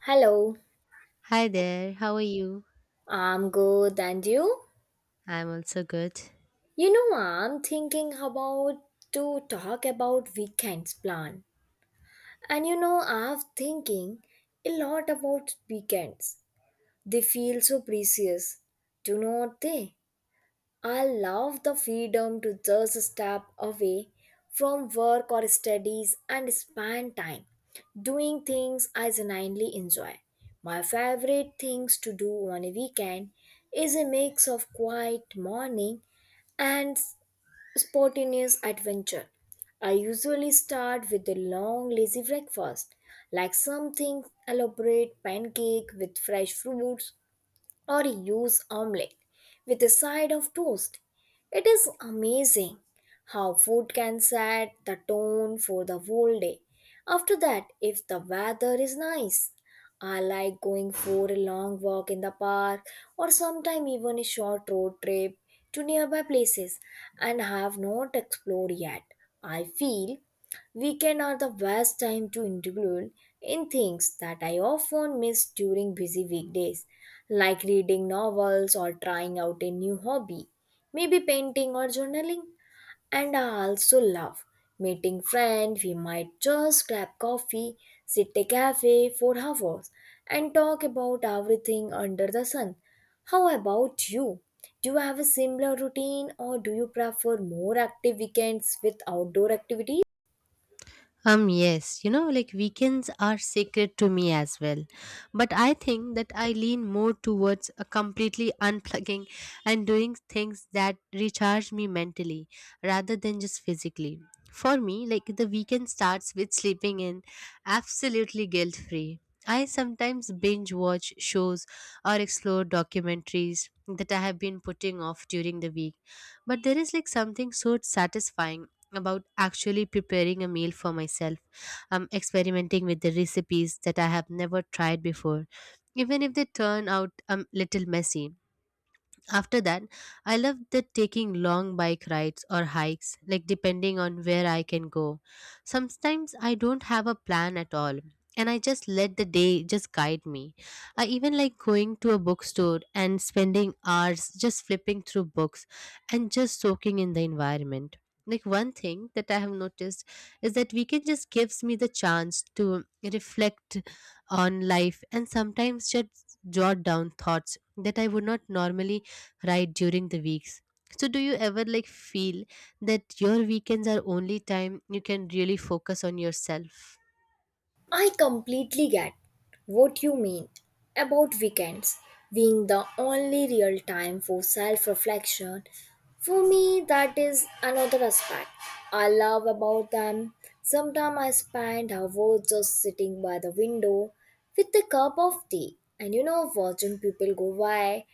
Hello, Hi there, how are you? I'm good and you? I'm also good. I'm thinking about to talk about weekends plan. I've thinking a lot about weekends. They feel so precious, do not they? I love the freedom to just step away from work or studies and spend time doing things I genuinely enjoy. My favorite things to do on a weekend is a mix of quiet morning and spontaneous adventure. I usually start with a long lazy breakfast, like something elaborate pancake with fresh fruits or use omelette with a side of toast. It is amazing how food can set the tone for the whole day. After that, if the weather is nice, I like going for a long walk in the park or sometime even a short road trip to nearby places and have not explored yet. I feel weekend are the best time to include in things that I often miss during busy weekdays, like reading novels or trying out a new hobby, maybe painting or journaling. And I also love meeting friends. We might just grab coffee, sit at a cafe for hours, and talk about everything under the sun. How about you? Do you have a similar routine, or do you prefer more active weekends with outdoor activities? Yes, you know, like weekends are sacred to me as well. But I think that I lean more towards a completely unplugging and doing things that recharge me mentally rather than just physically. For me, like the weekend starts with sleeping in absolutely guilt free. I sometimes binge watch shows or explore documentaries that I have been putting off during the week. But there is like something so satisfying about actually preparing a meal for myself. I'm experimenting with the recipes that I have never tried before, even if they turn out a little messy. After that, I love the taking long bike rides or hikes, like depending on where I can go. Sometimes I don't have a plan at all, and I just let the day just guide me. I even like going to a bookstore and spending hours just flipping through books and just soaking in the environment. Like one thing that I have noticed is that weekend just gives me the chance to reflect on life and sometimes just jot down thoughts that I would not normally right during the weeks. So do you ever like feel that your weekends are only time you can really focus on yourself? I completely get what you mean about weekends being the only real time for self reflection. For me, that is another aspect I love about them. Sometimes I spend hours just sitting by the window with a cup of tea and watching people go by,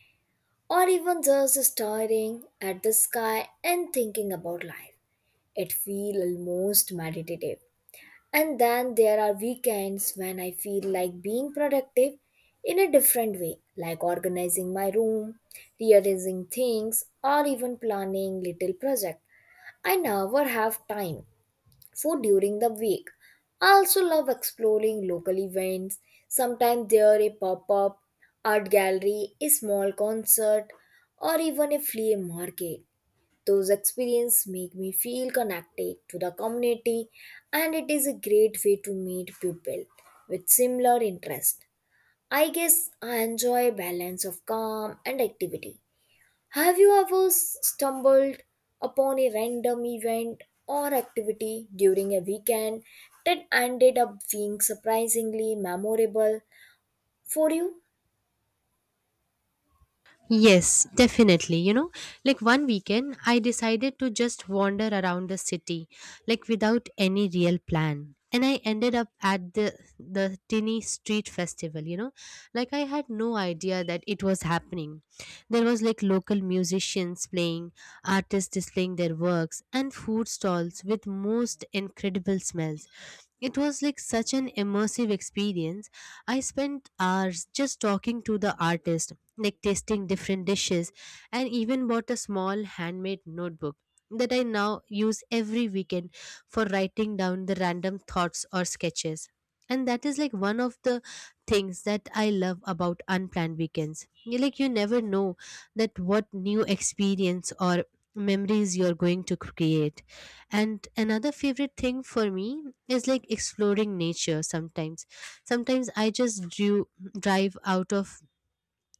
or even just staring at the sky and thinking about life. It feels almost meditative, and then there are weekends when I feel like being productive in a different way, like organizing my room, rearranging things, or even planning little project. I never have time for during the week. I also love exploring local events. Sometimes there a pop-up, art gallery, a small concert, or even a flea market. Those experiences make me feel connected to the community, and it is a great way to meet people with similar interests. I guess I enjoy a balance of calm and activity. Have you ever stumbled upon a random event or activity during a weekend that ended up being surprisingly memorable for you? Yes, definitely. You know, like one weekend, I decided to just wander around the city, like without any real plan. And I ended up at the tiny street festival, you know, like I had no idea that it was happening. There was like local musicians playing, artists displaying their works, and food stalls with most incredible smells. It was like such an immersive experience. I spent hours just talking to the artist, like tasting different dishes, and even bought a small handmade notebook that I now use every weekend for writing down the random thoughts or sketches. And that is like one of the things that I love about unplanned weekends. You like you never know that what new experience or memories you're going to create. And another favorite thing for me is like exploring nature sometimes. Sometimes I just drive out of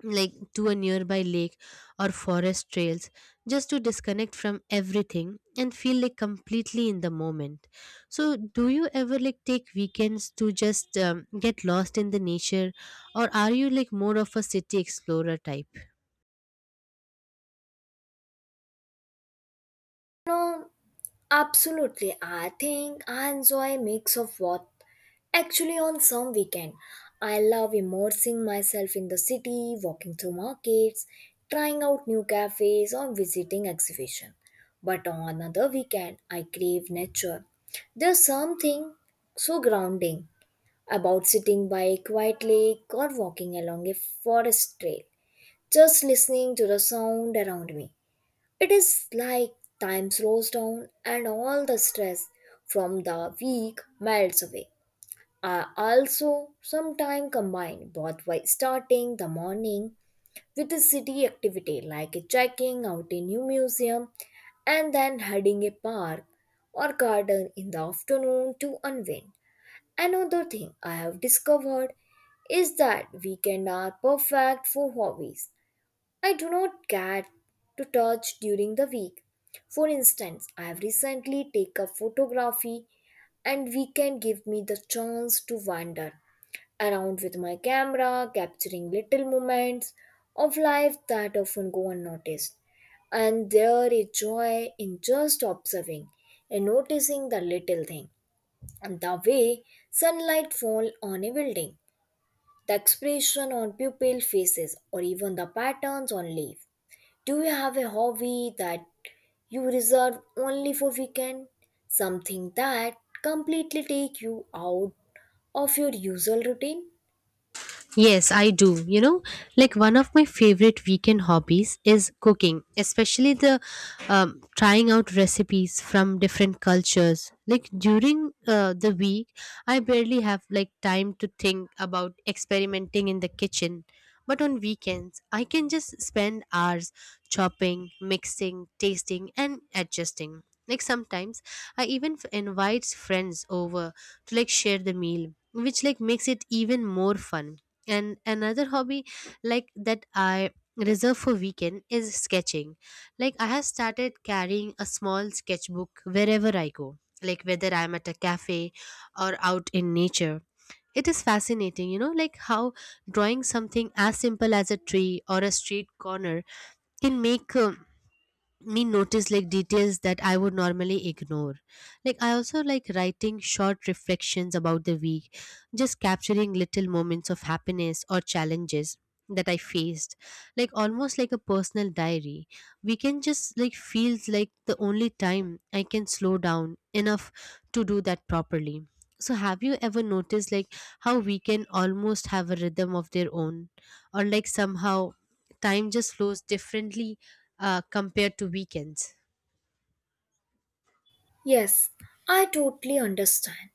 like to a nearby lake or forest trails just to disconnect from everything and feel like completely in the moment. So, do you ever like take weekends to just get lost in the nature, or are you like more of a city explorer type? No, absolutely. I think I enjoy a mix of what actually on some weekend. I love immersing myself in the city, walking through markets, trying out new cafes, or visiting exhibition. But on another weekend I crave nature. There's something so grounding about sitting by a quiet lake or walking along a forest trail, just listening to the sound around me. It is like time slows down and all the stress from the week melts away. I also sometimes combine both by starting the morning with a city activity like checking out a new museum, and then heading a park or garden in the afternoon to unwind. Another thing I have discovered is that weekends are perfect for hobbies I do not get to touch during the week. For instance, I have recently taken up photography, and weekend give me the chance to wander around with my camera, capturing little moments of life that often go unnoticed. And there is joy in just observing and noticing the little thing, and the way sunlight fall on a building, the expression on pupil faces, or even the patterns on leaf. Do you have a hobby that you reserve only for weekend? Something that completely take you out of your usual routine? Yes, I do. You know, like one of my favorite weekend hobbies is cooking, especially the trying out recipes from different cultures. Like during the week, I barely have like time to think about experimenting in the kitchen. But on weekends, I can just spend hours chopping, mixing, tasting, and adjusting. Like sometimes, I even invite friends over to like share the meal, which like makes it even more fun. And another hobby like that I reserve for weekend is sketching. Like I have started carrying a small sketchbook wherever I go, like whether I'm at a cafe or out in nature. It is fascinating, you know, like how drawing something as simple as a tree or a street corner can make me notice like details that I would normally ignore. Like I also like writing short reflections about the week, just capturing little moments of happiness or challenges that I faced. Like almost like a personal diary. We can just like feels like the only time I can slow down enough to do that properly. So have you ever noticed like how we can almost have a rhythm of their own, or like somehow time just flows differently compared to weekends? Yes, I totally understand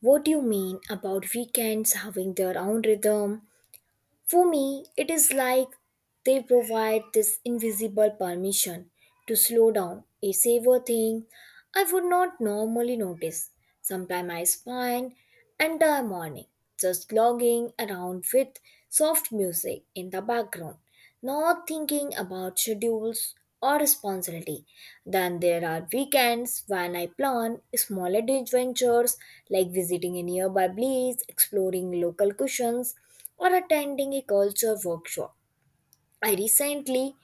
what you mean about weekends having their own rhythm. For me, it is like they provide this invisible permission to slow down, a savor thing I would not normally notice. Sometimes I spend entire morning just logging around with soft music in the background, not thinking about schedules or responsibility. Then there are weekends when I plan small adventures, like visiting a nearby place, exploring local cuisines, or attending a culture workshop. I recently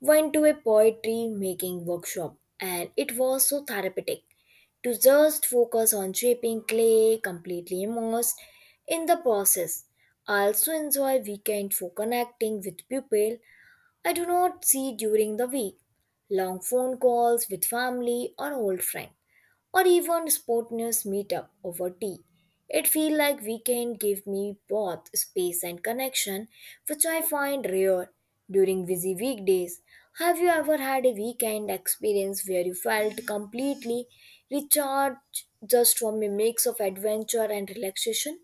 went to a poetry making workshop, and it was so therapeutic to just focus on shaping clay, completely immersed in the process. I also enjoy weekend for connecting with people I do not see during the week. Long phone calls with family or old friend, or even spontaneous meetup over tea. It feel like weekend give me both space and connection, which I find rare during busy weekdays. Have you ever had a weekend experience where you felt completely recharged just from a mix of adventure and relaxation?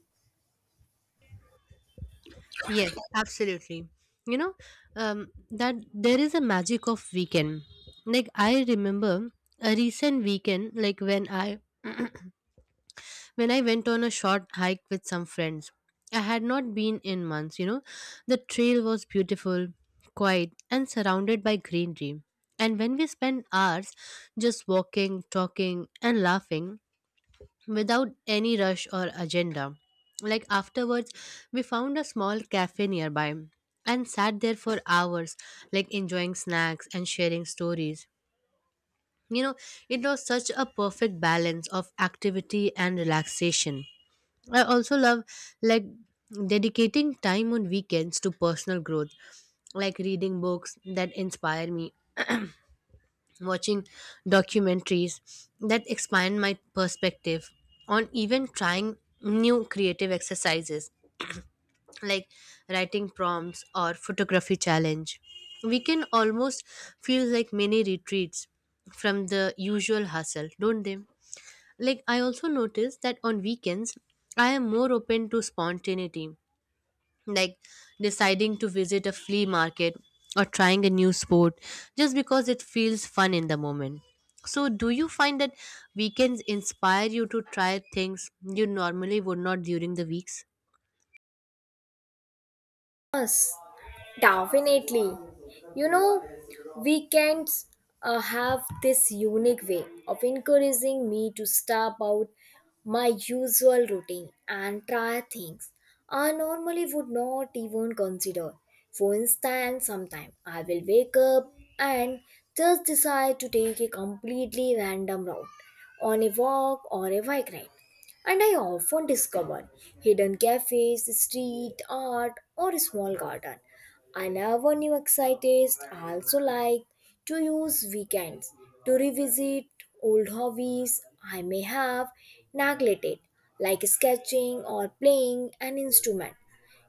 Yes, absolutely. You know, that there is a magic of weekend. Like I remember a recent weekend, like when I when I went on a short hike with some friends. I had not been in months, you know. The trail was beautiful, quiet, and surrounded by greenery. And when we spent hours just walking, talking, and laughing, without any rush or agenda. Like afterwards, we found a small cafe nearby and sat there for hours, like enjoying snacks and sharing stories. You know, it was such a perfect balance of activity and relaxation. I also love like dedicating time on weekends to personal growth, like reading books that inspire me, watching documentaries that expand my perspective, on even trying new creative exercises like writing prompts or photography challenge. We can almost feel like mini retreats from the usual hustle, don't they? Like I also notice that on weekends I am more open to spontaneity, like deciding to visit a flea market or trying a new sport just because it feels fun in the moment. So, do you find that weekends inspire you to try things you normally would not during the weeks? Yes. Definitely. You know, weekends have this unique way of encouraging me to step out my usual routine and try things I normally would not even consider. For instance, sometimes I will wake up and just decide to take a completely random route on a walk or a bike ride. And I often discover hidden cafes, street art, or a small garden. I never knew excited. I also like to use weekends to revisit old hobbies I may have neglected, like sketching or playing an instrument.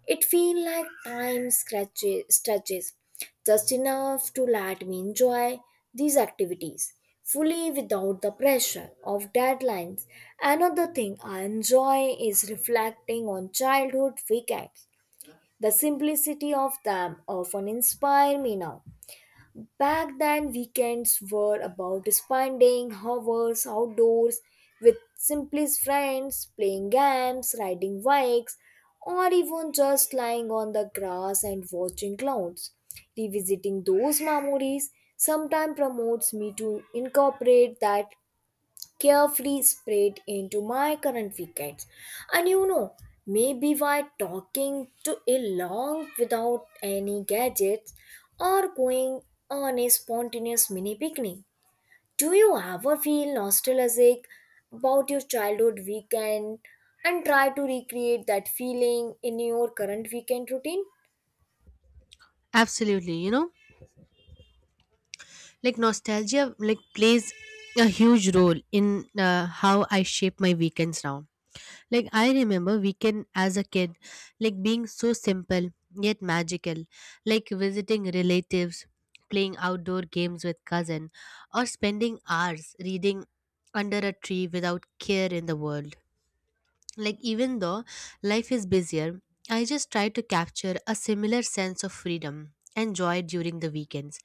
It feel like stretches just enough to let me enjoy these activities fully without the pressure of deadlines. Another thing I enjoy is reflecting on childhood weekends. The simplicity of them often inspire me now. Back then, weekends were about spending hours outdoors with simply friends, playing games, riding bikes, or even just lying on the grass and watching clouds. Revisiting those memories sometimes promotes me to incorporate that carefully sprayed into my current weekends. And you know, maybe why talking to a long without any gadgets, or going on a spontaneous mini picnic. Do you ever feel nostalgic about your childhood weekend and try to recreate that feeling in your current weekend routine? Absolutely, you know, like nostalgia like plays a huge role in how I shape my weekends now. Like I remember weekend as a kid, like being so simple yet magical, like visiting relatives, playing outdoor games with cousin, or spending hours reading under a tree without care in the world. Like, even though life is busier, I just try to capture a similar sense of freedom and joy during the weekends.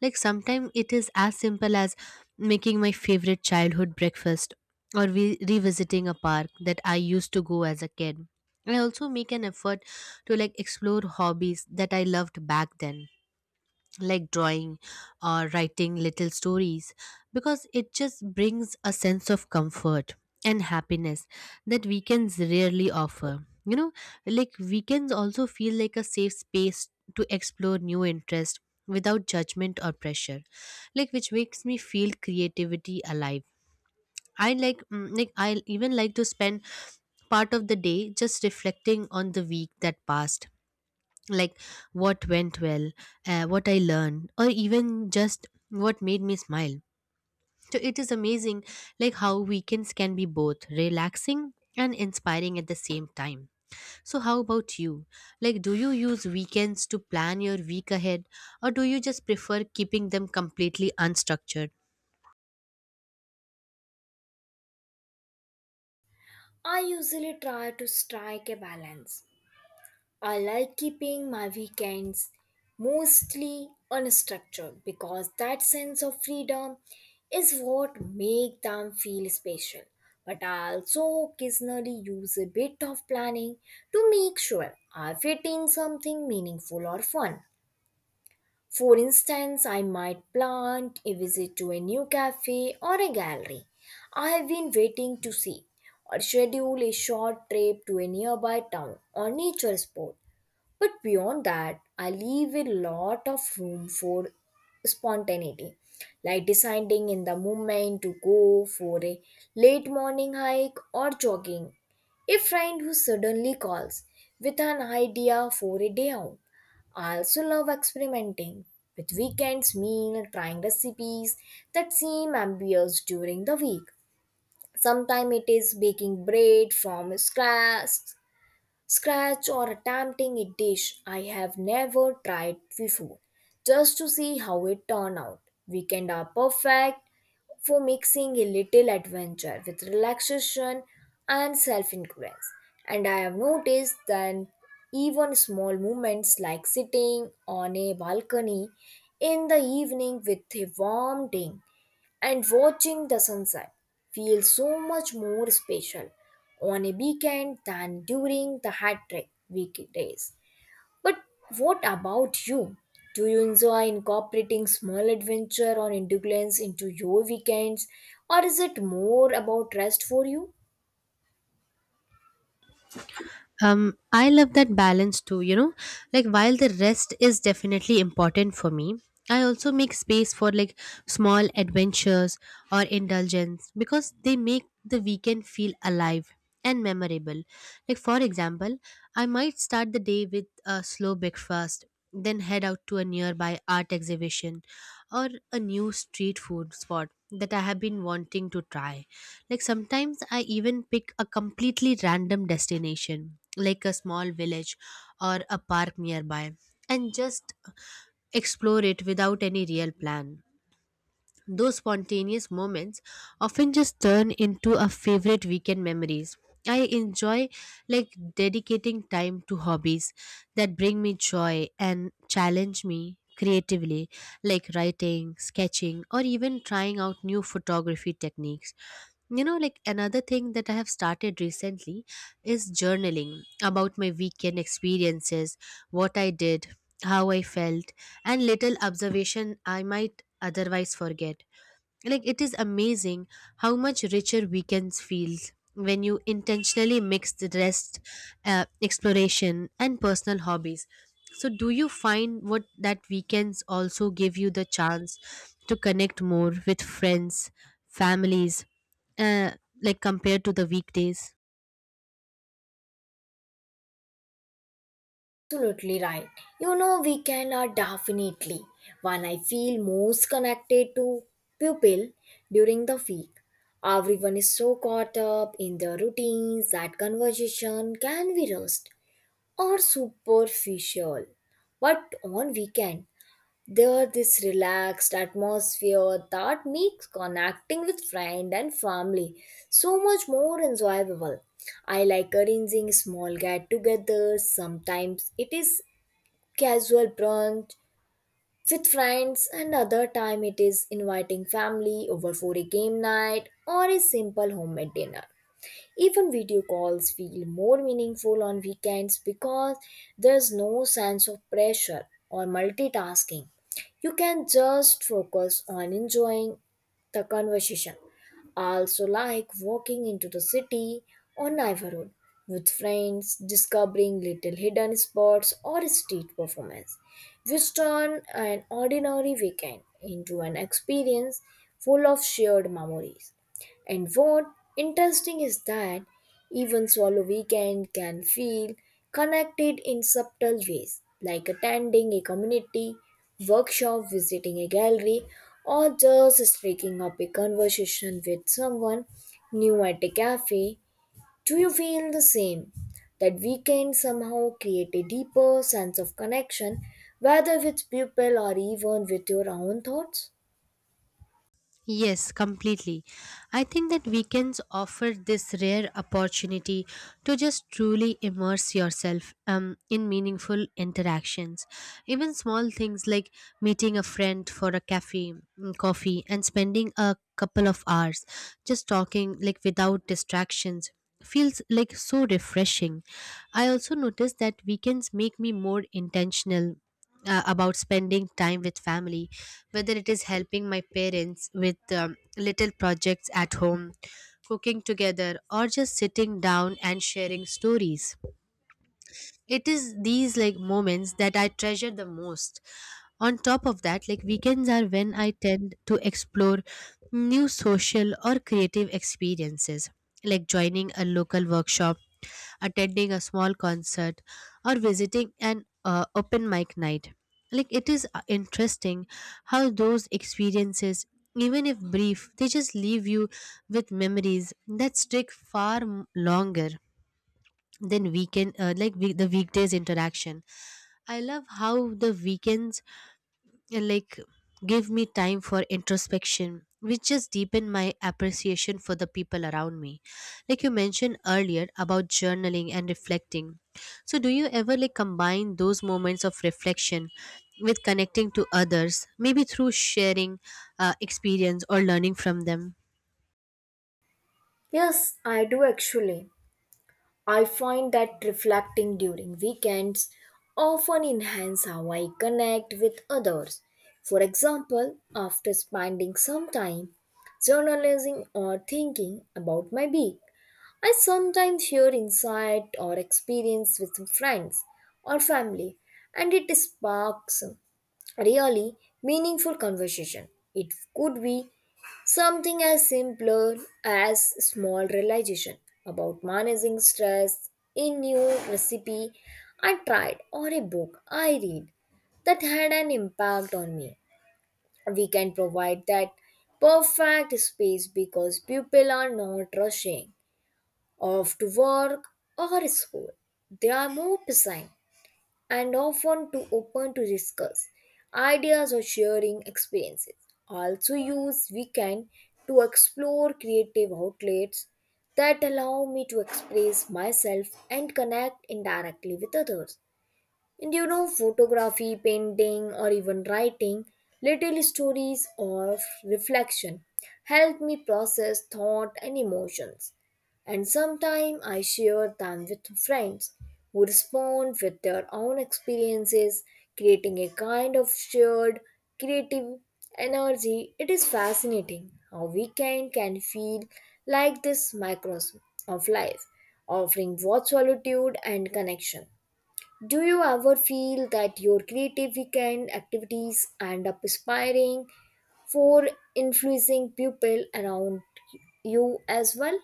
Like, sometimes it is as simple as making my favorite childhood breakfast or revisiting a park that I used to go as a kid. I also make an effort to like explore hobbies that I loved back then, like drawing or writing little stories, because it just brings a sense of comfort and happiness that weekends rarely offer. You know, like weekends also feel like a safe space to explore new interests without judgment or pressure, like which makes me feel creativity alive. I like, like I even like to spend part of the day just reflecting on the week that passed, like what went well, what I learned, or even just what made me smile. So it is amazing, like how weekends can be both relaxing and inspiring at the same time. So, how about you? Like, do you use weekends to plan your week ahead, or do you just prefer keeping them completely unstructured? I usually try to strike a balance. I like keeping my weekends mostly unstructured because that sense of freedom is what make them feel special. But I also occasionally use a bit of planning to make sure I fit in something meaningful or fun. For instance, I might plan a visit to a new cafe or a gallery I have been waiting to see, or schedule a short trip to a nearby town or nature spot. But beyond that, I leave a lot of room for spontaneity, like deciding in the moment to go for a late morning hike or jogging. A friend who suddenly calls with an idea for a day out. I also love experimenting with weekends meal, trying recipes that seem ambitious during the week. Sometimes it is baking bread from scratch, or attempting a dish I have never tried before, just to see how it turned out. Weekend are perfect for mixing a little adventure with relaxation and self-influence. And I have noticed that even small moments like sitting on a balcony in the evening with a warm drink and watching the sunset feels so much more special on a weekend than during the hat trick weekdays. But what about you? Do you enjoy incorporating small adventure or indulgence into your weekends, or is it more about rest for you? um I love that balance too, you know, like while the rest is definitely important for me, I also make space for like small adventures or indulgence because they make the weekend feel alive and memorable. Like for example, I might start the day with a slow breakfast, then head out to a nearby art exhibition or a new street food spot that I have been wanting to try. Like sometimes I even pick a completely random destination, like a small village or a park nearby, and just explore it without any real plan. Those spontaneous moments often just turn into a favorite weekend memories. I enjoy like dedicating time to hobbies that bring me joy and challenge me creatively, like writing, sketching, or even trying out new photography techniques. You know, like another thing that I have started recently is journaling about my weekend experiences, what I did, how I felt, and little observation I might otherwise forget. Like it is amazing how much richer weekends feels when you intentionally mix the rest, exploration and personal hobbies. So do you find what that weekends also give you the chance to connect more with friends, families, uh, like compared to the weekdays? Absolutely right. You know, weekend are definitely when I feel most connected to pupil during the week. Everyone is so caught up in their routines that conversation can be rushed or superficial. But on weekend, there this relaxed atmosphere that makes connecting with friend and family so much more enjoyable. I like arranging small get-togethers. Sometimes it is casual brunch with friends, and other time it is inviting family over for a game night or a simple homemade dinner. Even video calls feel more meaningful on weekends, because there's no sense of pressure or multitasking. You can just focus on enjoying the conversation. I also like walking into the city or neighborhood with friends, discovering little hidden spots or street performance, which turn an ordinary weekend into an experience full of shared memories. And what interesting is that even solo weekend can feel connected in subtle ways, like attending a community workshop, visiting a gallery, or just striking up a conversation with someone new at a cafe. Do you feel the same? That weekend somehow create a deeper sense of connection, whether with people or even with your own thoughts? Yes, completely. I think that weekends offer this rare opportunity to just truly immerse yourself in meaningful interactions. Even small things like meeting a friend for a cafe, coffee, and spending a couple of hours just talking like without distractions feels like so refreshing. I also noticed that weekends make me more intentional about spending time with family, whether it is helping my parents with little projects at home, cooking together, or just sitting down and sharing stories. It is these like moments that I treasure the most. On top of that, like weekends are when I tend to explore new social or creative experiences, like joining a local workshop, attending a small concert, or visiting an open mic night. Like it is interesting how those experiences, even if brief, they just leave you with memories that stick far longer then weekend, the weekdays interaction. I love how the weekends like give me time for introspection, which just deepen my appreciation for the people around me. Like you mentioned earlier about journaling and reflecting, so do you ever like combine those moments of reflection with connecting to others, maybe through sharing experience or learning from them? Yes, I do actually. I find that reflecting during weekends often enhance how I connect with others. For example, after spending some time journalizing or thinking about my week, I sometimes share insight or experience with friends or family, and it sparks really meaningful conversation. It could be something as simple as small realization about managing stress, a new recipe I tried, or a book I read that had an impact on me. We can provide that perfect space because people are not rushing off to work or school. They are more present and often too open to discuss ideas or sharing experiences. Also use weekend to explore creative outlets that allow me to express myself and connect indirectly with others. And you know, photography, painting, or even writing little stories of reflection help me process thought and emotions. And sometimes I share them with friends who respond with their own experiences, creating a kind of shared creative energy. It is fascinating how weekend can feel like this microcosm of life, offering both solitude and connection. Do you ever feel that your creative weekend activities end up inspiring for influencing people around you as well?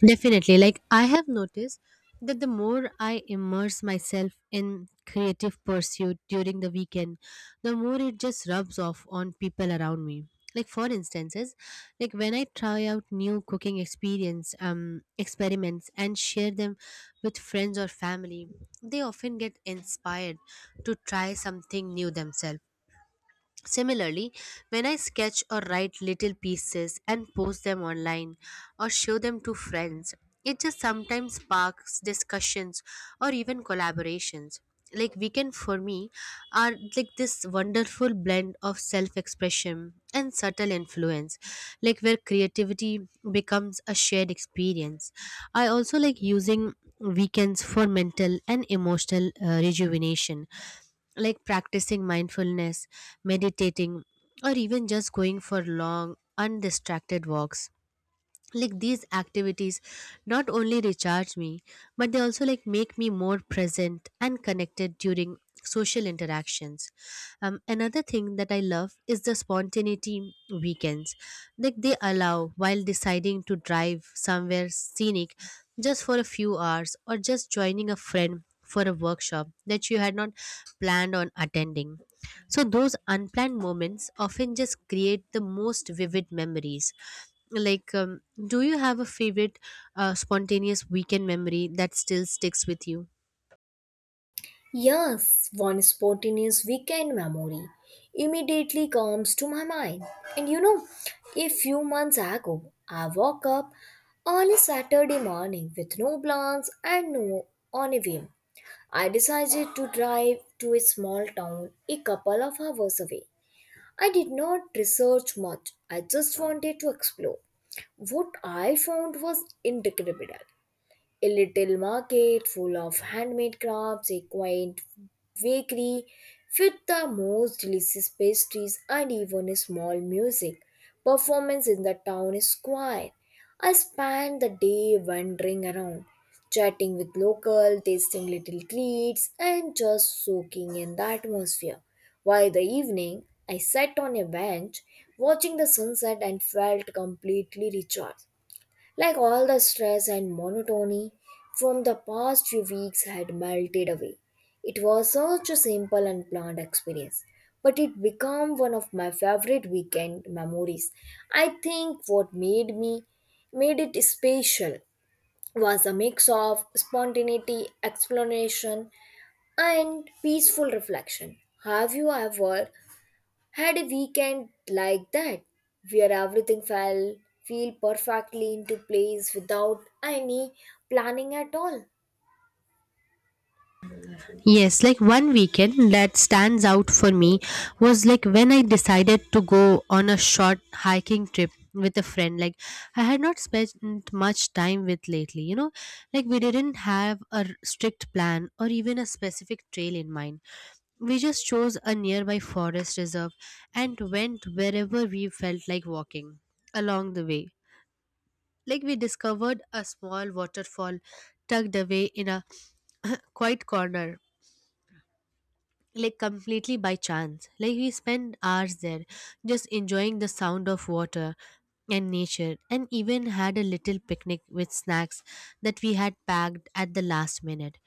Definitely. Like, I have noticed that the more I immerse myself in creative pursuit during the weekend, the more it just rubs off on people around me. Like for instances, like when I try out new cooking experience, experiments and share them with friends or family, they often get inspired to try something new themselves. Similarly, when I sketch or write little pieces and post them online or show them to friends, it just sometimes sparks discussions or even collaborations. Like weekend for me are like this wonderful blend of self-expression and subtle influence, like where creativity becomes a shared experience. I also like using weekends for mental and emotional rejuvenation, like practicing mindfulness, meditating, or even just going for long, undistracted walks, like these activities not only recharge me but they also like make me more present and connected during social interactions. Another thing that I love is the spontaneity weekends like they allow, while deciding to drive somewhere scenic just for a few hours or just joining a friend for a workshop that you had not planned on attending, so those unplanned moments often just create the most vivid memories. Like, do you have a favorite spontaneous weekend memory that still sticks with you? Yes, one spontaneous weekend memory immediately comes to my mind. And you know, a few months ago, I woke up on a Saturday morning with no plans and no on a whim. I decided to drive to a small town a couple of hours away. I did not research much. I just wanted to explore. What I found was incredible. A little market full of handmade crafts, a quaint bakery with the most delicious pastries, and even a small music performance in the town square. I spent the day wandering around, chatting with locals, tasting little treats, and just soaking in the atmosphere. By the evening, I sat on a bench watching the sunset and felt completely recharged. Like all the stress and monotony from the past few weeks had melted away. It was such a simple and planned experience, but it became one of my favorite weekend memories. I think what made it special was a mix of spontaneity, exploration, and peaceful reflection. Have you ever had a weekend like that, where everything fell feel perfectly into place without any planning at all? Yes, like one weekend that stands out for me was like when I decided to go on a short hiking trip with a friend. Like I had not spent much time with lately, you know, like we didn't have a strict plan or even a specific trail in mind. We just chose a nearby forest reserve and went wherever we felt like walking along the way. Like we discovered a small waterfall tucked away in a quiet corner like completely by chance. Like we spend hours there just enjoying the sound of water and nature and even had a little picnic with snacks that we had packed at the last minute.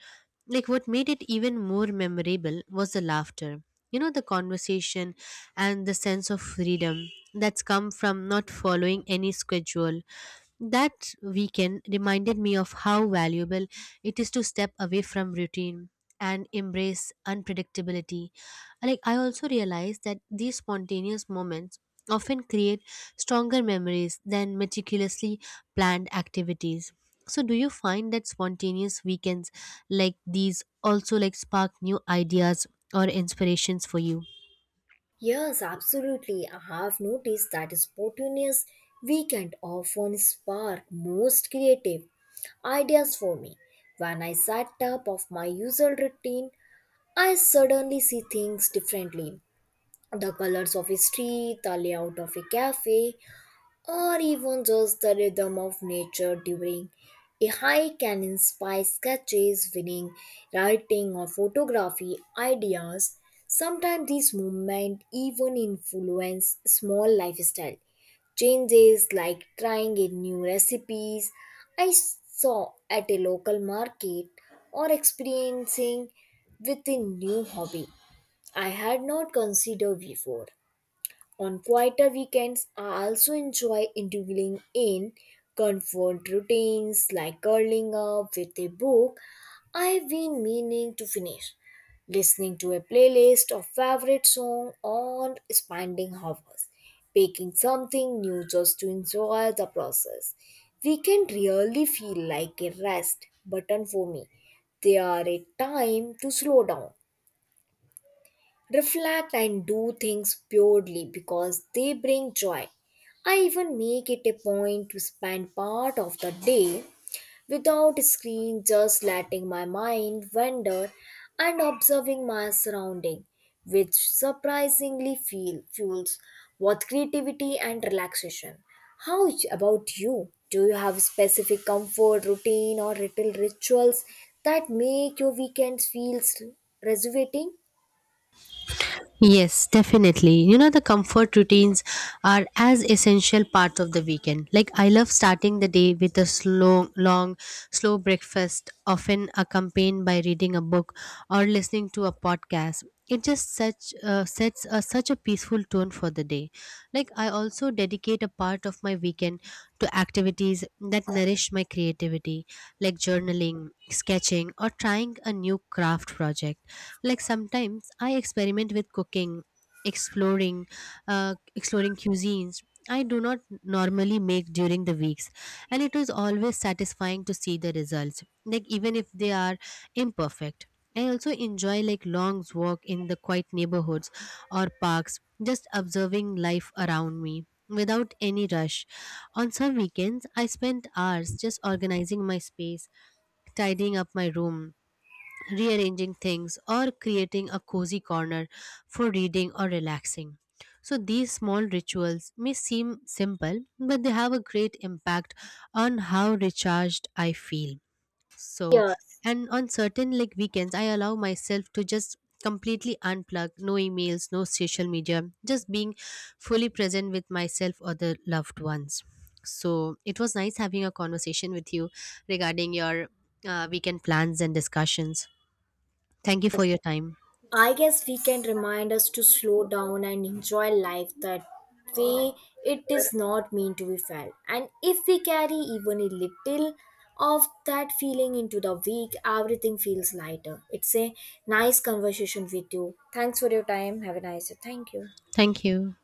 Like what made it even more memorable was the laughter. You know, the conversation and the sense of freedom that's come from not following any schedule. That weekend reminded me of how valuable it is to step away from routine and embrace unpredictability. Like I also realize that these spontaneous moments often create stronger memories than meticulously planned activities. So do you find that spontaneous weekends like these also like spark new ideas or inspirations for you? Yes, absolutely. I have noticed that spontaneous weekend often spark most creative ideas for me. When I sat up of my usual routine, I suddenly see things differently. The colors of a street, the layout of a cafe, or even just the rhythm of nature during a hike can inspire sketches, winning, writing, or photography ideas. Sometimes these movements even influence small lifestyle changes like trying a new recipes I saw at a local market or experiencing with a new hobby I had not considered before. On quieter weekends, I also enjoy indulging in comfort routines like curling up with a book I've been meaning to finish, listening to a playlist of favorite song on spending hours, baking something new just to enjoy the process. We really feel like a rest button for me. They are a time to slow down reflect and do things purely because they bring joy. I even make it a point to spend part of the day without screen just letting my mind wander and observing my surrounding which surprisingly feel fuels both creativity and relaxation. About you? Do you have specific comfort routine or little rituals that make your weekends feel rejuvenating? Yes, definitely. You know, the comfort routines are as essential part of the weekend. Like I love starting the day with a slow, long, slow breakfast, often accompanied by reading a book or listening to a podcast. It just such sets a, such a peaceful tone for the day. Like I also dedicate a part of my weekend to activities that nourish my creativity, like journaling, sketching, or trying a new craft project, like sometimes I experiment with cooking, exploring uh, exploring cuisines I do not normally make during the weeks, and it is always satisfying to see the results, like even if they are imperfect. I also enjoy like long walk in the quiet neighborhoods or parks, just observing life around me without any rush. On some weekends I spend hours just organizing my space, tidying up my room, rearranging things, or creating a cozy corner for reading or relaxing. So, these small rituals may seem simple, but they have a great impact on how recharged I feel. So, Yes. and on certain like weekends, I allow myself to just completely unplug, no emails, no social media, just being fully present with myself or the loved ones. So, it was nice having a conversation with you regarding your weekend plans and discussions. Thank you for your time. I guess we can remind us to slow down and enjoy life that way it is not meant to be felt. And if we carry even a little of that feeling into the week, everything feels lighter. It's a nice conversation with you. Thanks for your time. Have a nice day. Thank you. Thank you.